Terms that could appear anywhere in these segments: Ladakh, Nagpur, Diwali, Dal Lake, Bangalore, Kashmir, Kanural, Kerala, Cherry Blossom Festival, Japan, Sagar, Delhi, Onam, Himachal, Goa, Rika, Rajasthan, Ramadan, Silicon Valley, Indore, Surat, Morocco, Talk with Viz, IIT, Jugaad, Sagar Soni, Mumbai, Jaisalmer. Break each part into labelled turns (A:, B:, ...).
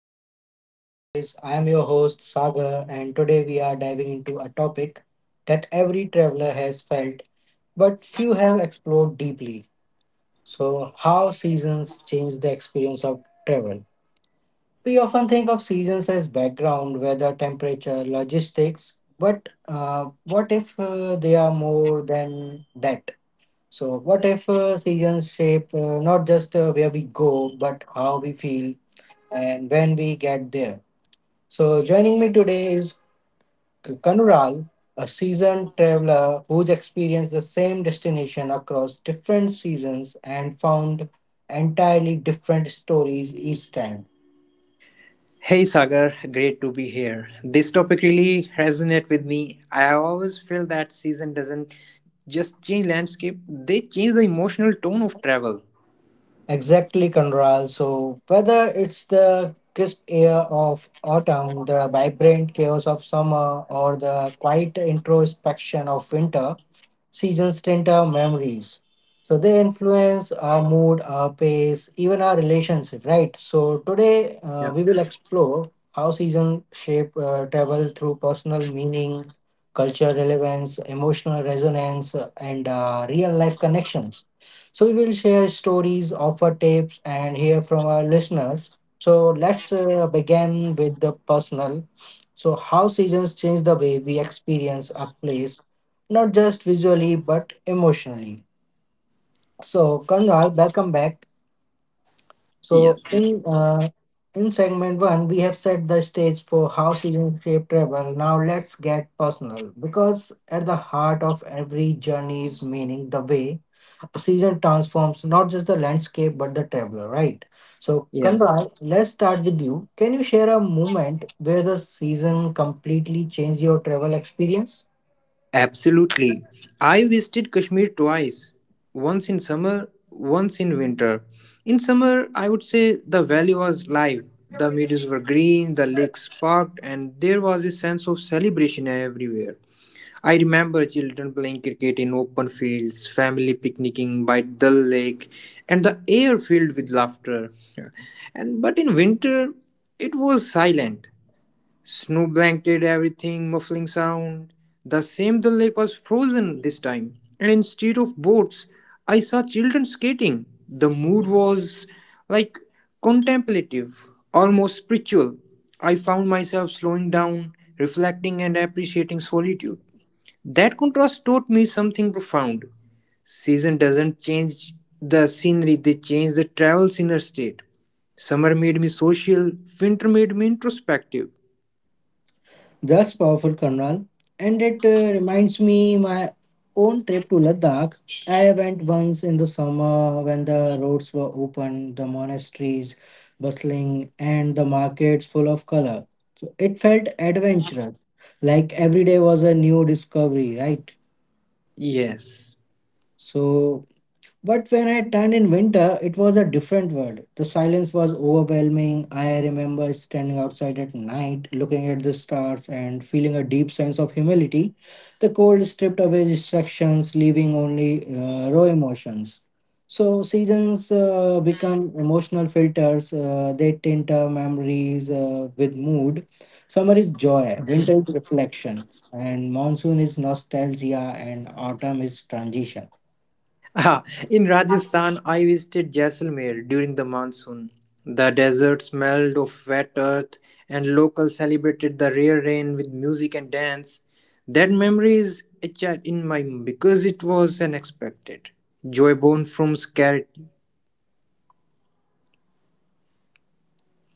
A: welcome to Talk with Viz. I am your host Sagar, and today we are diving into a topic that every traveler has felt, but few have explored deeply. So, how seasons change the experience of travel. We often think of seasons as background, weather, temperature, logistics, but what if they are more than that? So, what if seasons shape not just where we go, but how we feel, and when we get there. So, joining me today is Kanural, a seasoned traveler who's experienced the same destination across different seasons and found entirely different stories each time.
B: Hey Sagar, great to be here. This topic really resonates with me. I always feel that season doesn't just change landscape, they change the emotional tone of travel.
A: Exactly, Kanural. So, whether it's the crisp air of autumn, the vibrant chaos of summer, or the quiet introspection of winter, seasons tint our memories. So they influence our mood, our pace, even our relationship, right? So today
B: Yeah.
A: we will explore how seasons shape travel through personal meaning, cultural relevance, emotional resonance, and real life connections. So we will share stories, offer tips, and hear from our listeners. So let's begin with the personal. So how seasons change the way we experience a place not just visually but emotionally. So, Kanral, welcome back.
B: Yeah,
A: So,
B: thank you.
A: in segment one, we have set the stage for how seasons shape travel. Now, let's get personal because at the heart of every journey is meaning the way a season transforms not just the landscape but the traveler, right? So,
B: Yes.
A: Kanral, let's start with you. Can you share a moment where the season completely changed your travel experience?
B: Absolutely. I visited Kashmir twice. Once in summer, once in winter. In summer, I would say the valley was live. The meadows were green, the lake sparkled, and there was a sense of celebration everywhere. I remember children playing cricket in open fields, family picnicking by the Lake, and the air filled with laughter. and but in winter, it was silent. Snow blanketed everything, muffling sound. The same Dal Lake was frozen this time, and instead of boats, I saw children skating. The mood was like contemplative, almost spiritual. I found myself slowing down, reflecting, and appreciating solitude. That contrast taught me something profound. Season doesn't change the scenery, they change the travel's inner state. Summer made me social, winter made me introspective.
A: That's powerful, Karnal. And it reminds me my own trip to Ladakh. I went once in the summer when the roads were open, the monasteries bustling, and the markets full of color. So it felt adventurous, like every day was a new discovery, right?
B: Yes.
A: So but when I turned in winter, it was a different world. The silence was overwhelming. I remember standing outside at night, looking at the stars, and feeling a deep sense of humility. The cold stripped away distractions, leaving only raw emotions. So, seasons become emotional filters, they tint our memories with mood. Summer is joy, winter is reflection, and monsoon is nostalgia, and autumn is transition.
B: Ah, in Rajasthan, I visited Jaisalmer during the monsoon. The desert smelled of wet earth, and locals celebrated the rare rain with music and dance. That memory is etched in my mind because it was unexpected. Joy born from scarcity.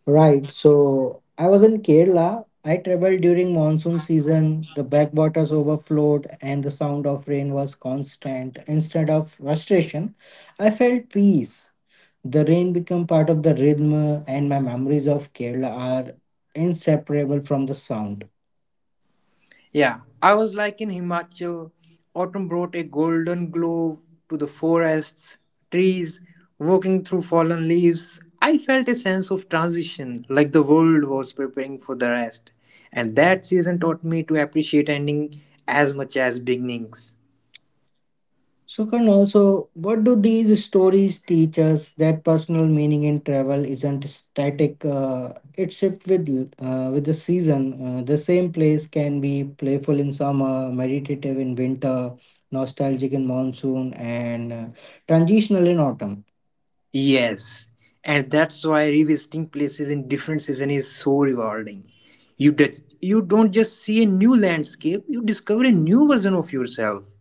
A: Right. So I was in Kerala. I traveled during monsoon season. The backwaters overflowed and the sound of rain was constant. Instead of frustration, I felt peace. The rain became part of the rhythm, and my memories of Kerala are inseparable from the sound.
B: Yeah, I was like in Himachal. Autumn brought a golden glow to the forests, trees, walking through fallen leaves. I felt a sense of transition, like the world was preparing for the rest. And that season taught me to appreciate ending as much as beginnings.
A: So, also, what do these stories teach us that personal meaning in travel isn't static? It shifts with the season. The same place can be playful in summer, meditative in winter, nostalgic in monsoon, and transitional in autumn.
B: Yes, and that's why revisiting places in different season is so rewarding. You don't just see a new landscape, you discover a new version of yourself.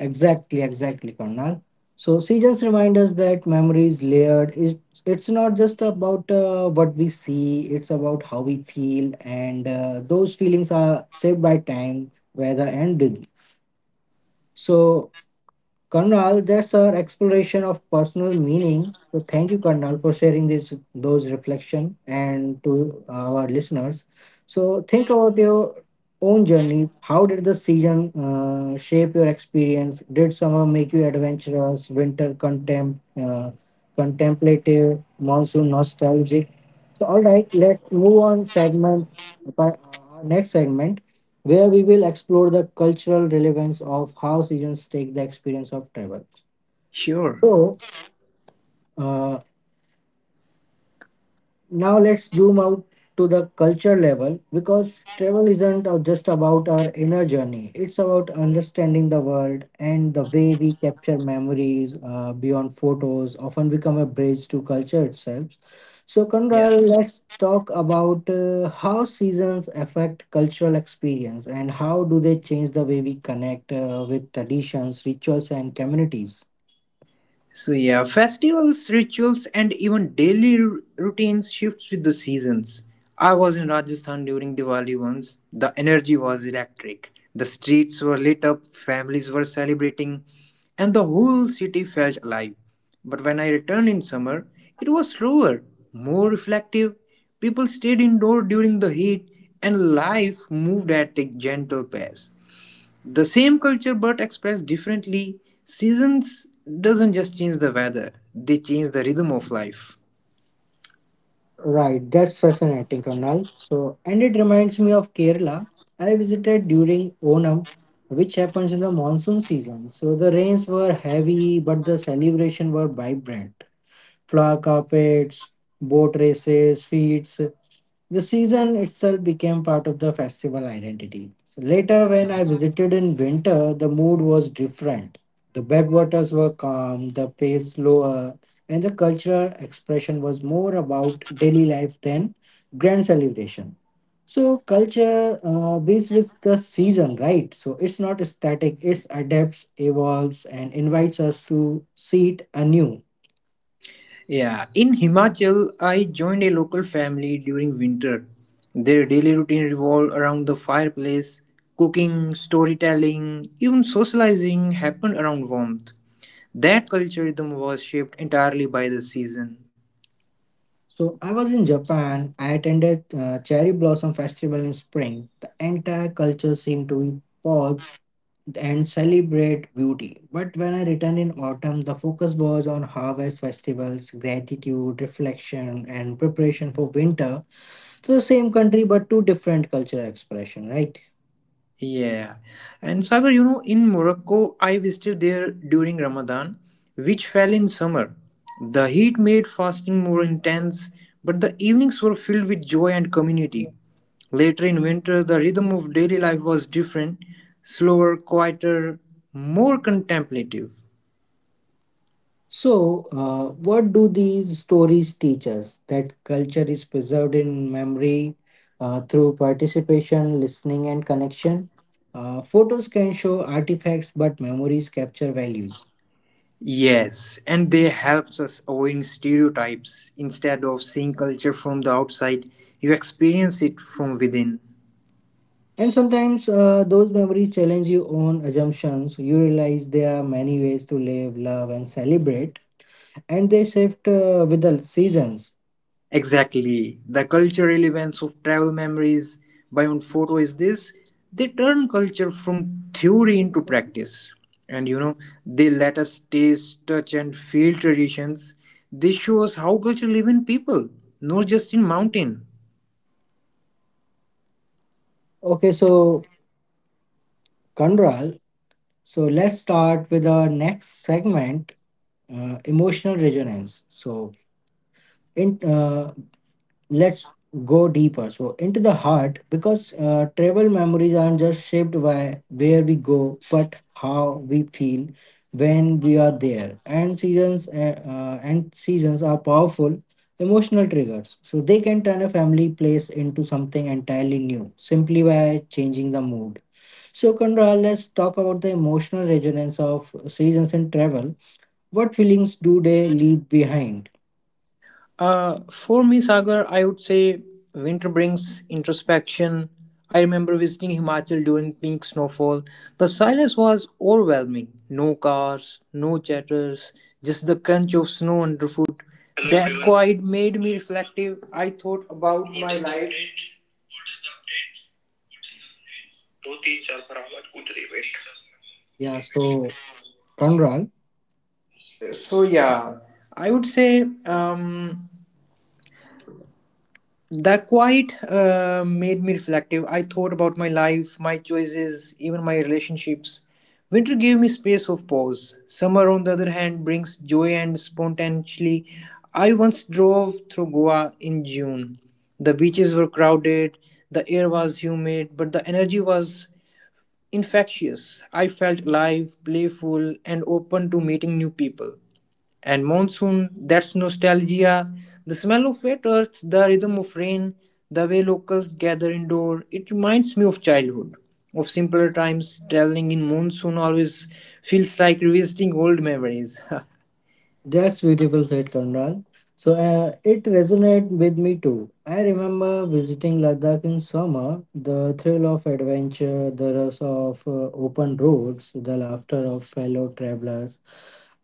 A: Exactly, exactly, Karnal. So she just remind us that memory is layered. It's not just about what we see, it's about how we feel, and those feelings are saved by time, weather, and rhythm. So Karnal, that's our exploration of personal meaning. So thank you, Karnal, for sharing this those reflection and to our listeners. So think about your own journeys. How did the season shape your experience? Did summer make you adventurous? Winter contemplative, monsoon nostalgic. So all right, let's move on segment. Our next segment where we will explore the cultural relevance of how seasons take the experience of travel.
B: Sure.
A: So, uh, now let's zoom out to the culture level because travel isn't just about our inner journey. It's about understanding the world and the way we capture memories beyond photos often become a bridge to culture itself. So
B: Yeah.
A: Kunral, let's talk about how seasons affect cultural experience and how do they change the way we connect with traditions, rituals and communities.
B: So yeah, festivals, rituals, and even daily routines shifts with the seasons. I was in Rajasthan during Diwali once. The energy was electric. The streets were lit up, families were celebrating, and the whole city felt alive. But when I returned in summer, it was slower, more reflective. People stayed indoor during the heat, and life moved at a gentle pace, the same culture but expressed differently. Seasons doesn't just change the weather, they change the rhythm of life.
A: Right, that's fascinating, Karnal. So, and it reminds me of Kerala. I visited during Onam, which happens in the monsoon season. So the rains were heavy, but the celebration were vibrant flower carpets, boat races, feats. The season itself became part of the festival identity. So later, when I visited in winter, the mood was different. The backwaters were calm, the pace lower, and the cultural expression was more about daily life than grand celebration. So culture beats with the season, right? So it's not static, it adapts, evolves, and invites us to see it anew.
B: Yeah, in Himachal, I joined a local family during winter. Their daily routine revolved around the fireplace, cooking, storytelling, even socializing happened around warmth. That culture rhythm was shaped entirely by the season.
A: So I was in Japan. I attended Cherry Blossom Festival in spring. The entire culture seemed to pause and celebrate beauty. But when I returned in autumn, the focus was on harvest festivals, gratitude, reflection, and preparation for winter. So the same country, but two different cultural expression, right?
B: Yeah. And Sagar, you know, in Morocco, I visited there during Ramadan, which fell in summer. The heat made fasting more intense, but the evenings were filled with joy and community. Later in winter, the rhythm of daily life was different, slower, quieter, more contemplative.
A: So, what do these stories teach us? That culture is preserved in memory through participation, listening, and connection. Photos can show artifacts, but memories capture values.
B: Yes, and they helps us avoiding stereotypes. Instead of seeing culture from the outside, you experience it from within.
A: And sometimes those memories challenge your own assumptions. You realize there are many ways to live, love, and celebrate, and they shift with the seasons.
B: Exactly. The cultural relevance of travel memories beyond photo is this: they turn culture from theory into practice. And you know, they let us taste, touch, and feel traditions. They show us how culture live in people, not just in mountain.
A: Okay, so Kandral, so let's start with our next segment emotional resonance. So in let's go deeper so into the heart because travel memories aren't just shaped by where we go but how we feel when we are there, and seasons are powerful emotional triggers. So they can turn a family place into something entirely new simply by changing the mood. So Kandra, let's talk about the emotional resonance of seasons in travel. What feelings do they leave behind?
B: For me, Sagar, I would say winter brings introspection. I remember visiting Himachal during peak snowfall. The silence was overwhelming. No cars, no chatters, just the crunch of snow underfoot. That quiet made me reflective. I thought about my life.
A: Yeah, so Kanral,
B: So, yeah, I would say that quite made me reflective. I thought about my life, my choices, even my relationships. Winter gave me space of pause. Summer, on the other hand, brings joy and spontaneity. I once drove through Goa in June. The beaches were crowded, the air was humid, but the energy was infectious. I felt alive, playful, and open to meeting new people. And monsoon, that's nostalgia. The smell of wet earth, the rhythm of rain, the way locals gather indoor. It reminds me of childhood, of simpler times. Traveling in monsoon always feels like revisiting old memories.
A: that's beautiful said Kanral. So it resonated with me too. I remember visiting Ladakh in summer, the thrill of adventure, the rush of open roads, the laughter of fellow travelers.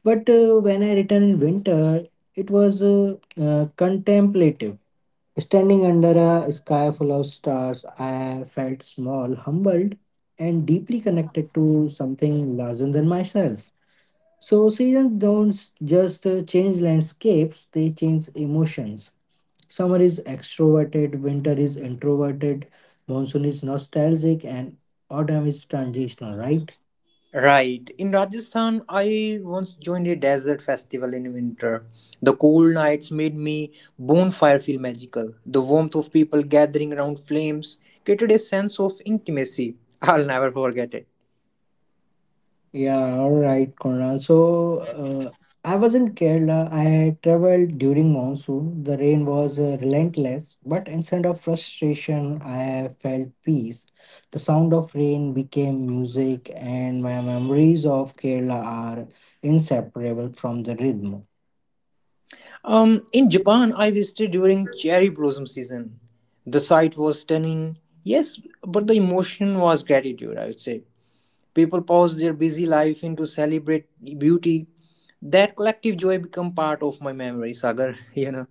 A: But when I returned in winter, it was contemplative. Standing under a sky full of stars, I felt small, humbled, and deeply connected to something larger than myself. So, seasons don't just change landscapes, they change emotions. Summer is extroverted, winter is introverted, monsoon is nostalgic, and autumn is transitional, right?
B: Right. In Rajasthan, I once joined a desert festival in winter. The cold nights made me bonfire feel magical. The warmth of people gathering around flames created a sense of intimacy. I'll never forget it.
A: Yeah, all right, Konal. So, I was in Kerala. I traveled during monsoon. The rain was relentless, but instead of frustration, I felt peace. The sound of rain became music, and my memories of Kerala are inseparable from the rhythm.
B: In Japan, I visited during cherry blossom season. The sight was stunning, yes, but the emotion was gratitude, I would say. People paused their busy life into celebrate beauty. That collective joy become part of my memory, Sagar, you know.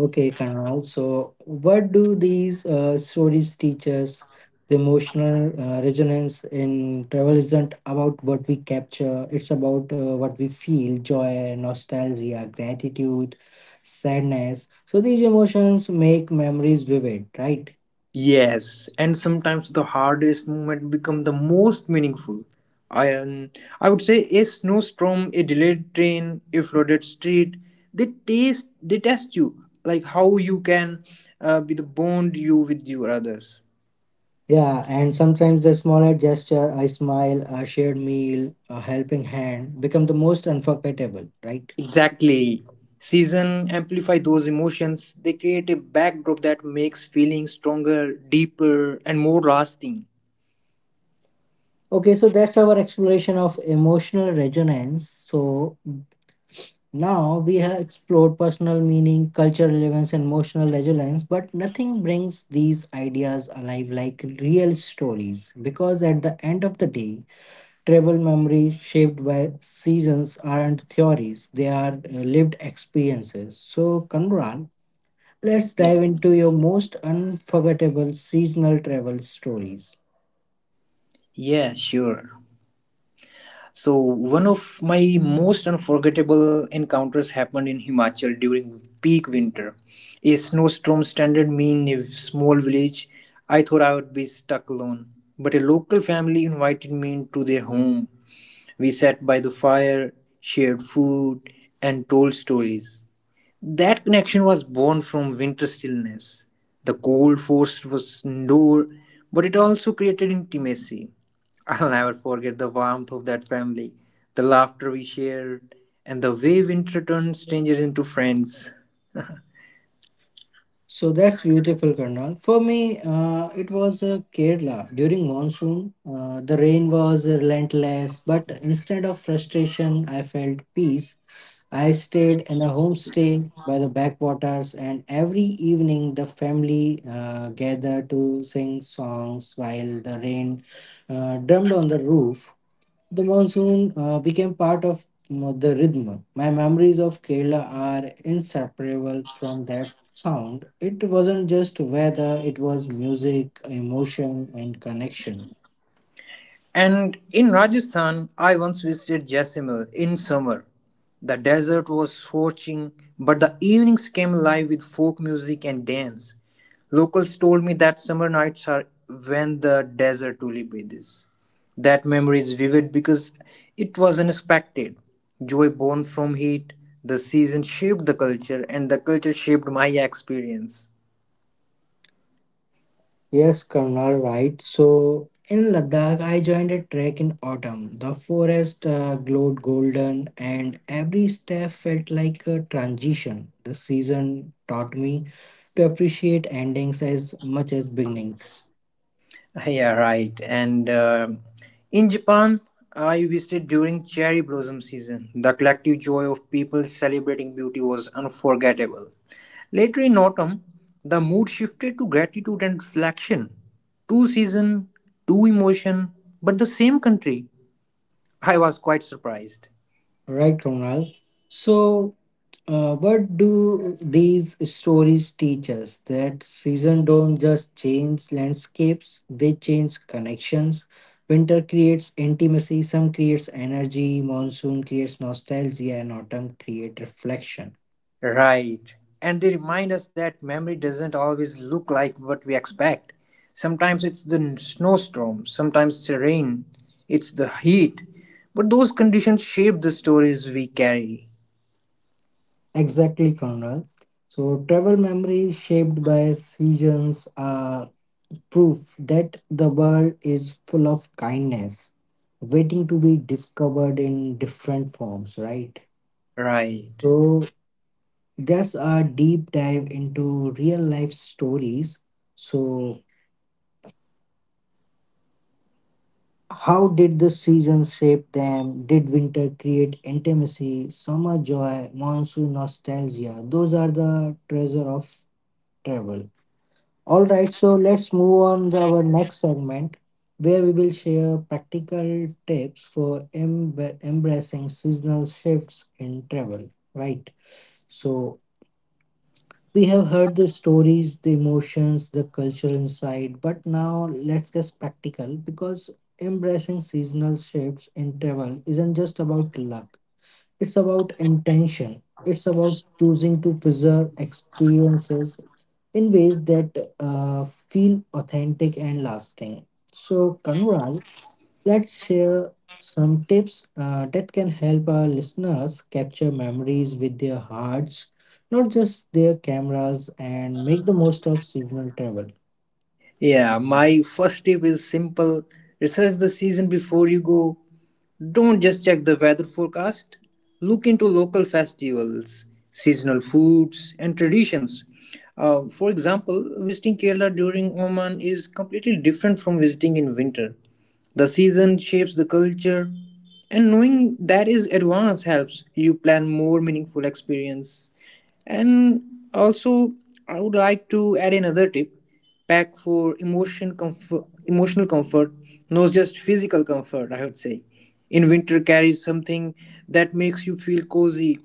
A: Okay, Kanal. So, what do these stories teach us? The emotional resonance in travel isn't about what we capture, it's about what we feel joy, nostalgia, gratitude, sadness. So, these emotions make memories vivid, right?
B: Yes, and sometimes the hardest moment become the most meaningful. I um, I would say a snowstorm, a delayed train, a flooded street. They taste, they test you, like how you can be the bond you with your others.
A: Yeah, and sometimes the smallest gesture, a smile, a shared meal, a helping hand, become the most unforgettable, right?
B: Exactly. Season amplify those emotions. They create a backdrop that makes feelings stronger, deeper, and more lasting.
A: Okay, so that's our exploration of emotional resonance. So now we have explored personal meaning, cultural relevance, and emotional resonance, but nothing brings these ideas alive like real stories. Because at the end of the day, travel memories shaped by seasons aren't theories, they are lived experiences. So, Kanral, let's
B: Yeah.
A: dive into your most unforgettable seasonal travel stories.
B: Yeah. Sure. So, one of my most unforgettable encounters happened in Himachal during peak winter. A snowstorm stranded me in a small village. I thought I would be stuck alone, but a local family invited me into their home. We sat by the fire, shared food, and told stories. That connection was born from winter stillness. The cold force was indoor, but it also created intimacy. I'll never forget the warmth of that family, the laughter we shared, and the way winter turned strangers into friends.
A: So that's beautiful, Karnal. For me, it was Kerala. During monsoon, the rain was relentless, but instead of frustration, I felt peace. I stayed in a homestay by the backwaters, and every evening the family gathered to sing songs while the rain drummed on the roof. The monsoon became part of the rhythm. My memories of Kerala are inseparable from that sound. It wasn't just weather, it was music, emotion, and connection.
B: And in Rajasthan, I once visited Jaisalmer in summer. The desert was scorching, but the evenings came alive with folk music and dance. Locals told me that summer nights are when the desert truly breathes. That memory is vivid because it was unexpected. Joy born from heat, the season shaped the culture, and the culture shaped my experience.
A: Yes, Colonel, right. So in Ladakh, I joined a trek in autumn. The forest glowed golden, and every step felt like a transition. The season taught me to appreciate endings as much as beginnings.
B: Yeah, right. And in Japan, I visited during cherry blossom season. The collective joy of people celebrating beauty was unforgettable. Later in autumn, the mood shifted to gratitude and reflection. Two season, two emotion, but the same country. I was quite surprised.
A: Right, Kunal. So, what do these stories teach us? That season don't just change landscapes; they change connections. Winter creates intimacy. Some creates energy. Monsoon creates nostalgia, and autumn create reflection.
B: Right. And they remind us that memory doesn't always look like what we expect. Sometimes it's the snowstorm, sometimes it's the rain, it's the heat. But those conditions shape the stories we carry.
A: Exactly, Conrad. So, travel memory shaped by seasons are proof that the world is full of kindness waiting to be discovered in different forms, right?
B: Right.
A: So that's our deep dive into real life stories. So how did the seasons shape them? Did winter create intimacy, summer joy, monsoon nostalgia? Those are the treasure of travel. All right, so let's move on to our next segment where we will share practical tips for embracing seasonal shifts in travel, right? So, we have heard the stories, the emotions, the cultural insight, but now let's get practical because embracing seasonal shifts in travel isn't just about luck, it's about intention. It's about choosing to preserve experiences in ways that feel authentic and lasting. So, Kanral, let's share some tips that can help our listeners capture memories with their hearts, not just their cameras, and make the most of seasonal travel.
B: Yeah, my first tip is simple: research the season before you go. Don't just check the weather forecast. Look into local festivals, seasonal foods, and traditions. For example, visiting Kerala during Oman is completely different from visiting in winter. The season shapes the culture, and knowing that is advance helps you plan more meaningful experience. And also, I would like to add another tip: pack for emotion comfort, emotional comfort, not just physical comfort. I would say in winter carries something that makes you feel cozy,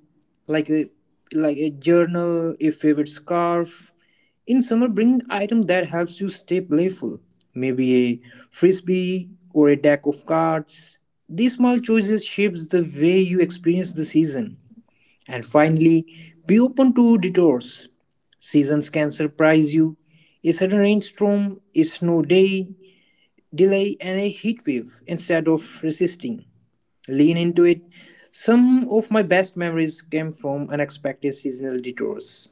B: like a like a journal, a favorite scarf. In summer, bring item that helps you stay playful, maybe a frisbee or a deck of cards. These small choices shapes the way you experience the season. And finally, be open to detours. Seasons can surprise you: a sudden rainstorm, a snow day delay, and a heat wave. Instead of resisting, lean into it. Some of my best memories came from unexpected seasonal detours.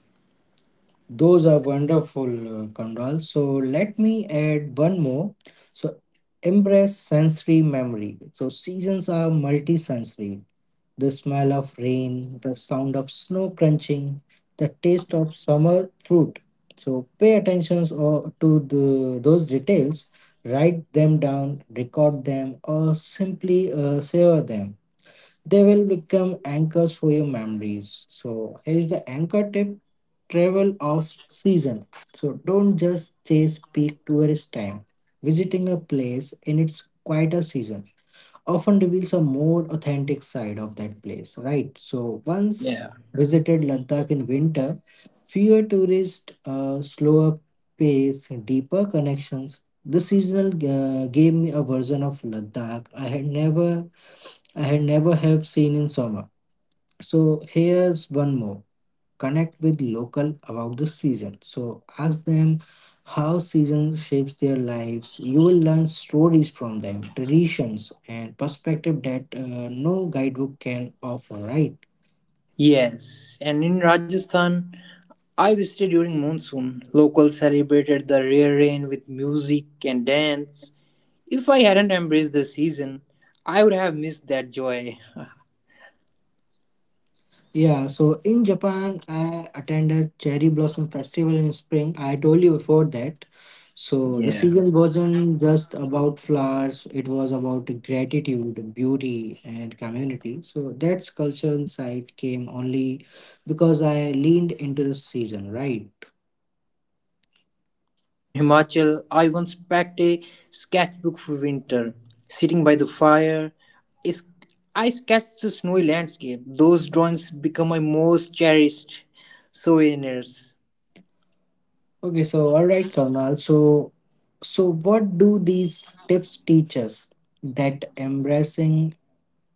A: Those are wonderful, Kanral. So, let me add one more. So, embrace sensory memory. So, seasons are multi sensory. The smell of rain, the sound of snow crunching, the taste of summer fruit. So pay attention to those details, write them down, record them, or simply savor them. They will become anchors for your memories. So here's the anchor tip, travel off season. So don't just chase peak tourist time. Visiting a place in its quieter season often reveals a more authentic side of that place, right? So once
B: Yeah.
A: visited Ladakh in winter, fewer tourists, slower pace, deeper connections. The seasonal gave me a version of Ladakh I had never have seen in summer. So here's one more, connect with local about the season, so ask them how season shapes their lives. You will learn stories from them, traditions and perspective that no guidebook can offer, right?
B: Yes, and in Rajasthan, I visited during monsoon. Locals celebrated the rare rain with music and dance. If I hadn't embraced the season, I would have missed that joy.
A: Yeah, so in Japan, I attended Cherry Blossom Festival in spring. I told you before that. So the
B: Yeah.
A: season wasn't just about flowers, it was about gratitude, beauty, and community. So that's culture insight came only because I leaned into the season, right?
B: Yeah, right. And in Himachal, I once packed a sketchbook for winter. Sitting by the fire, is I sketched the snowy landscape. Those drawings become my most cherished souvenirs.
A: Okay, so all right, Karnal. So what do these tips teach us? That embracing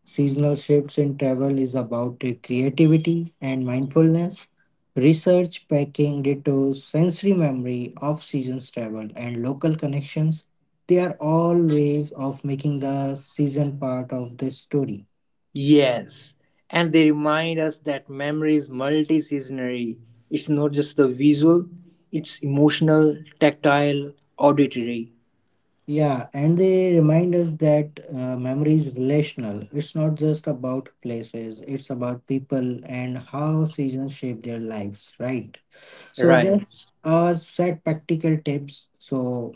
A: seasonal shifts in travel is about creativity and mindfulness, research, packing, detours, sensory memory, off seasons travel, and local connections. They are all ways of making the season part of the story.
B: Yes, and they remind us that memory is multi-seasonary. It's not just the visual; it's emotional, tactile, auditory.
A: Yeah, and they remind us that memory is relational. It's not just about places, it's about people and how seasons shape their lives, right? So
B: Right.
A: that's our set practical tips. So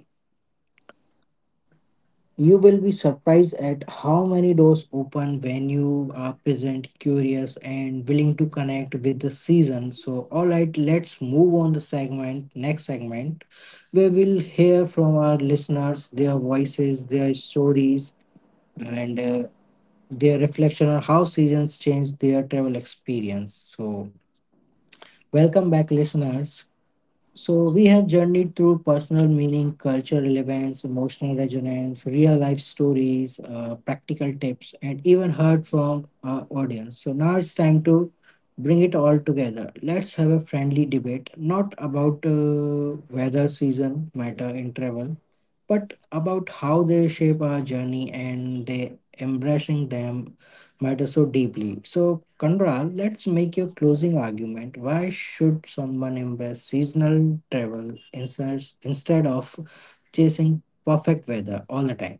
A: you will be surprised at how many doors open when you are present, curious, and willing to connect with the season. So, all right, let's move on the segment, next segment, where we'll hear from our listeners, their voices, their stories, and their reflection on how seasons change their travel experience. So, welcome back, listeners. So we have journeyed through personal meaning, culture relevance, emotional resonance, real life stories, practical tips, and even heard from our audience. So now it's time to bring it all together. Let's have a friendly debate, not about weather, season, matter, in travel, but about how they shape our journey and they embracing them matter so deeply. So, Kandral, let's make your closing argument. Why should someone embrace seasonal travel instead of chasing perfect weather all the time?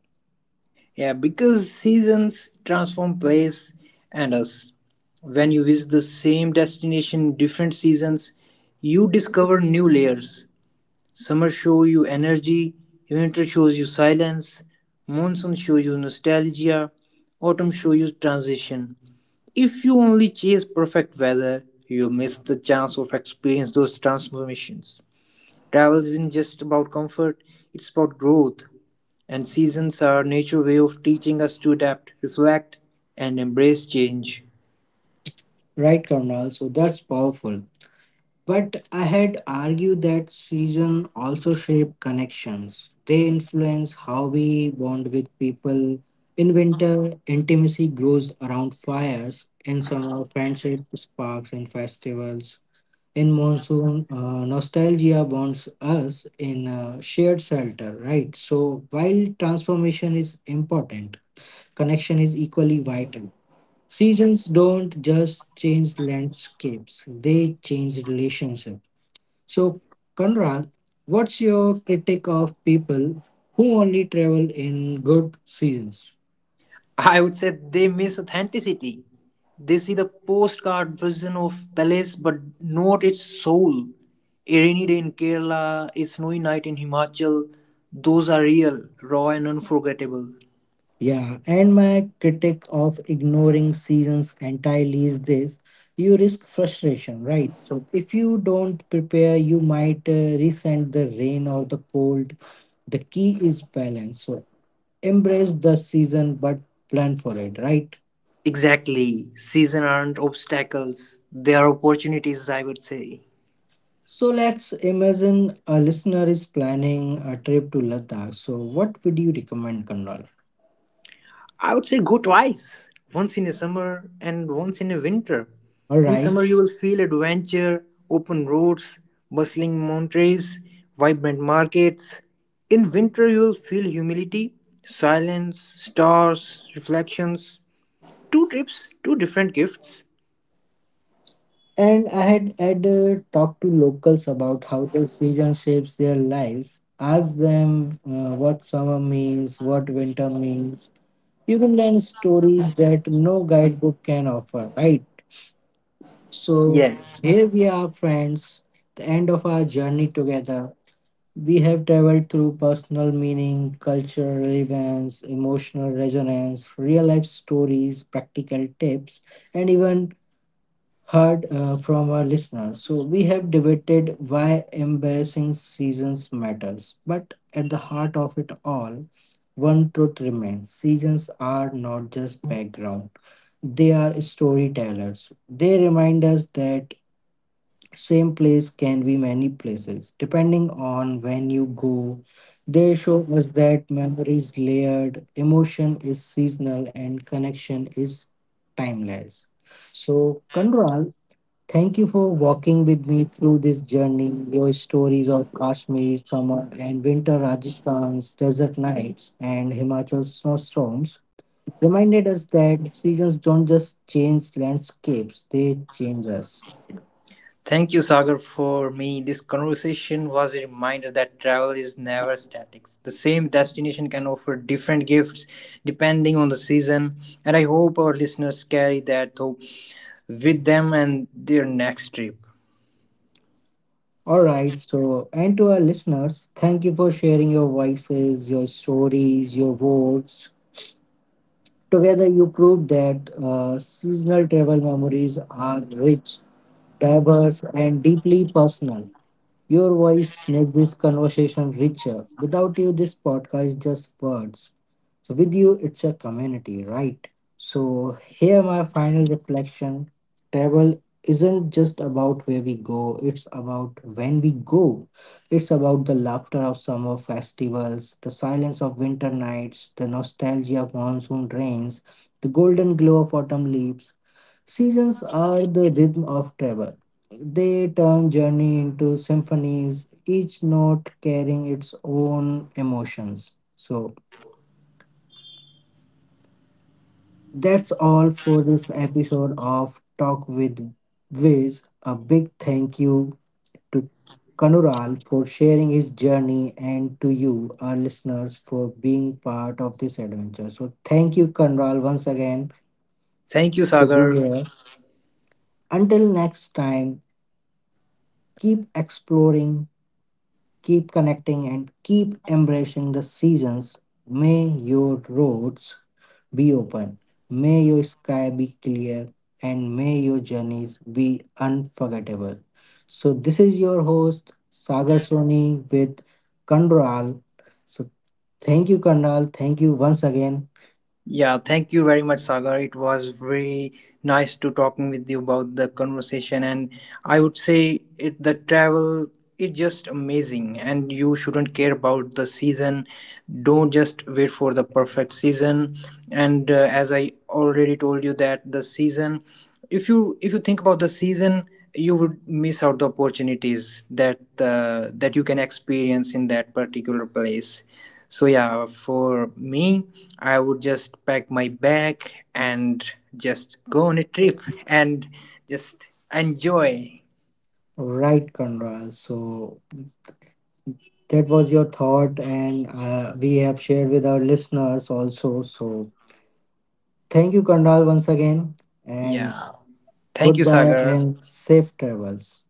B: Yeah, because seasons transform place and us. When you visit the same destination in different seasons, you discover new layers. Summer shows you energy, winter shows you silence, monsoon shows you nostalgia, autumn shows you transition. If you only chase perfect weather, you miss the chance of experience those transformations. Travel isn't just about comfort, it's about growth. And seasons are nature's way of teaching us to adapt, reflect, and embrace change.
A: Right, Kandral. So that's powerful. But I had argued that season also shape connections. They influence how we bond with people. In winter, intimacy grows around fires. In summer, friendship sparks in festivals. In monsoon, nostalgia bonds us in shared shelter, right? So while transformation is important, connection is equally vital. Seasons don't just change landscapes, they change relationships. So, Conrad, what's your critique of people who only travel in good seasons?
B: I would say they miss authenticity. They see the postcard version of palace but not its soul. A rainy day in Kerala, a snowy night in Himachal, those are real, raw, and unforgettable.
A: Yeah, and my critique of ignoring seasons entirely is this, you risk frustration, right? So, if you don't prepare, you might resent the rain or the cold. The key is balance. So, embrace the season but plan for it, right?
B: Exactly. Season aren't obstacles, they are opportunities, I would say.
A: So let's imagine a listener is planning a trip to Ladakh. So what would you recommend, Kanral?
B: I would say go twice, once in a summer and once in a winter.
A: All
B: In
A: right.
B: summer, you will feel adventure, open roads, bustling mountains, vibrant markets. In winter, you will feel humility, silence, stars, reflections. Two trips, two different gifts.
A: And I had talked to locals about how the season shapes their lives. Ask them what summer means, what winter means. You can learn stories that no guidebook can offer, right? So
B: Yes.
A: here we are, friends, the end of our journey together. We have traveled through personal meaning, cultural relevance, emotional resonance, real life stories, practical tips, and even heard from our listeners. So, we have debated why embarrassing seasons matters. But at the heart of it all, one truth remains, seasons are not just background, they are storytellers. They remind us that same place can be many places. Depending on when you go, they show us that memory is layered, emotion is seasonal, and connection is timeless. So, Kanral, thank you for walking with me through this journey. Your stories of Kashmir summer and winter, Rajasthan's desert nights and Himachal's snowstorms reminded us that seasons don't just change landscapes, they change us.
B: Thank you, Sagar. For me, this conversation was a reminder that travel is never static. The same destination can offer different gifts depending on the season, and I hope our listeners carry that hope with them and their next trip.
A: All right. So, and to our listeners, thank you for sharing your voices, your stories, your words. Together, you prove that seasonal travel memories are rich, diverse, and deeply personal. Your voice made this conversation richer. Without you, this podcast is just words. So with you, it's a community, right? So here, my final reflection: travel isn't just about where we go; it's about when we go. It's about the laughter of summer festivals, the silence of winter nights, the nostalgia of monsoon rains, the golden glow of autumn leaves. Seasons are the rhythm of travel. They turn journey into symphonies, each note carrying its own emotions. So that's all for this episode of Talk with Viz. A big thank you to Kanural for sharing his journey and to you, our listeners, for being part of this adventure. So, thank you, Kanural, once again
B: Thank you,
A: to be
B: Sagar.
A: here. Until next time, keep exploring, keep connecting, and keep embracing the seasons. May your roads be open. May your sky be clear and may your journeys be unforgettable. So, this is your host Sagar Soni with Kandral. So, thank you, Kandral. Thank you once again.
B: Yeah, thank you very much, Sagar. It was very nice to talking with you about the conversation, and I would say it, the travel is just amazing, and you shouldn't care about the season. Don't just wait for the perfect season. And as I already told you, that the season, if you think about the season, you would miss out the opportunities that that you can experience in that particular place. So yeah, for me, I would just pack my bag and just go on a trip and just enjoy.
A: Right, Kandral. So, that was your thought, and we have shared with our listeners also. So, thank you, Kandral, once again, and
B: Yeah. Thank you,
A: goodbye
B: Sagar.
A: and safe travels.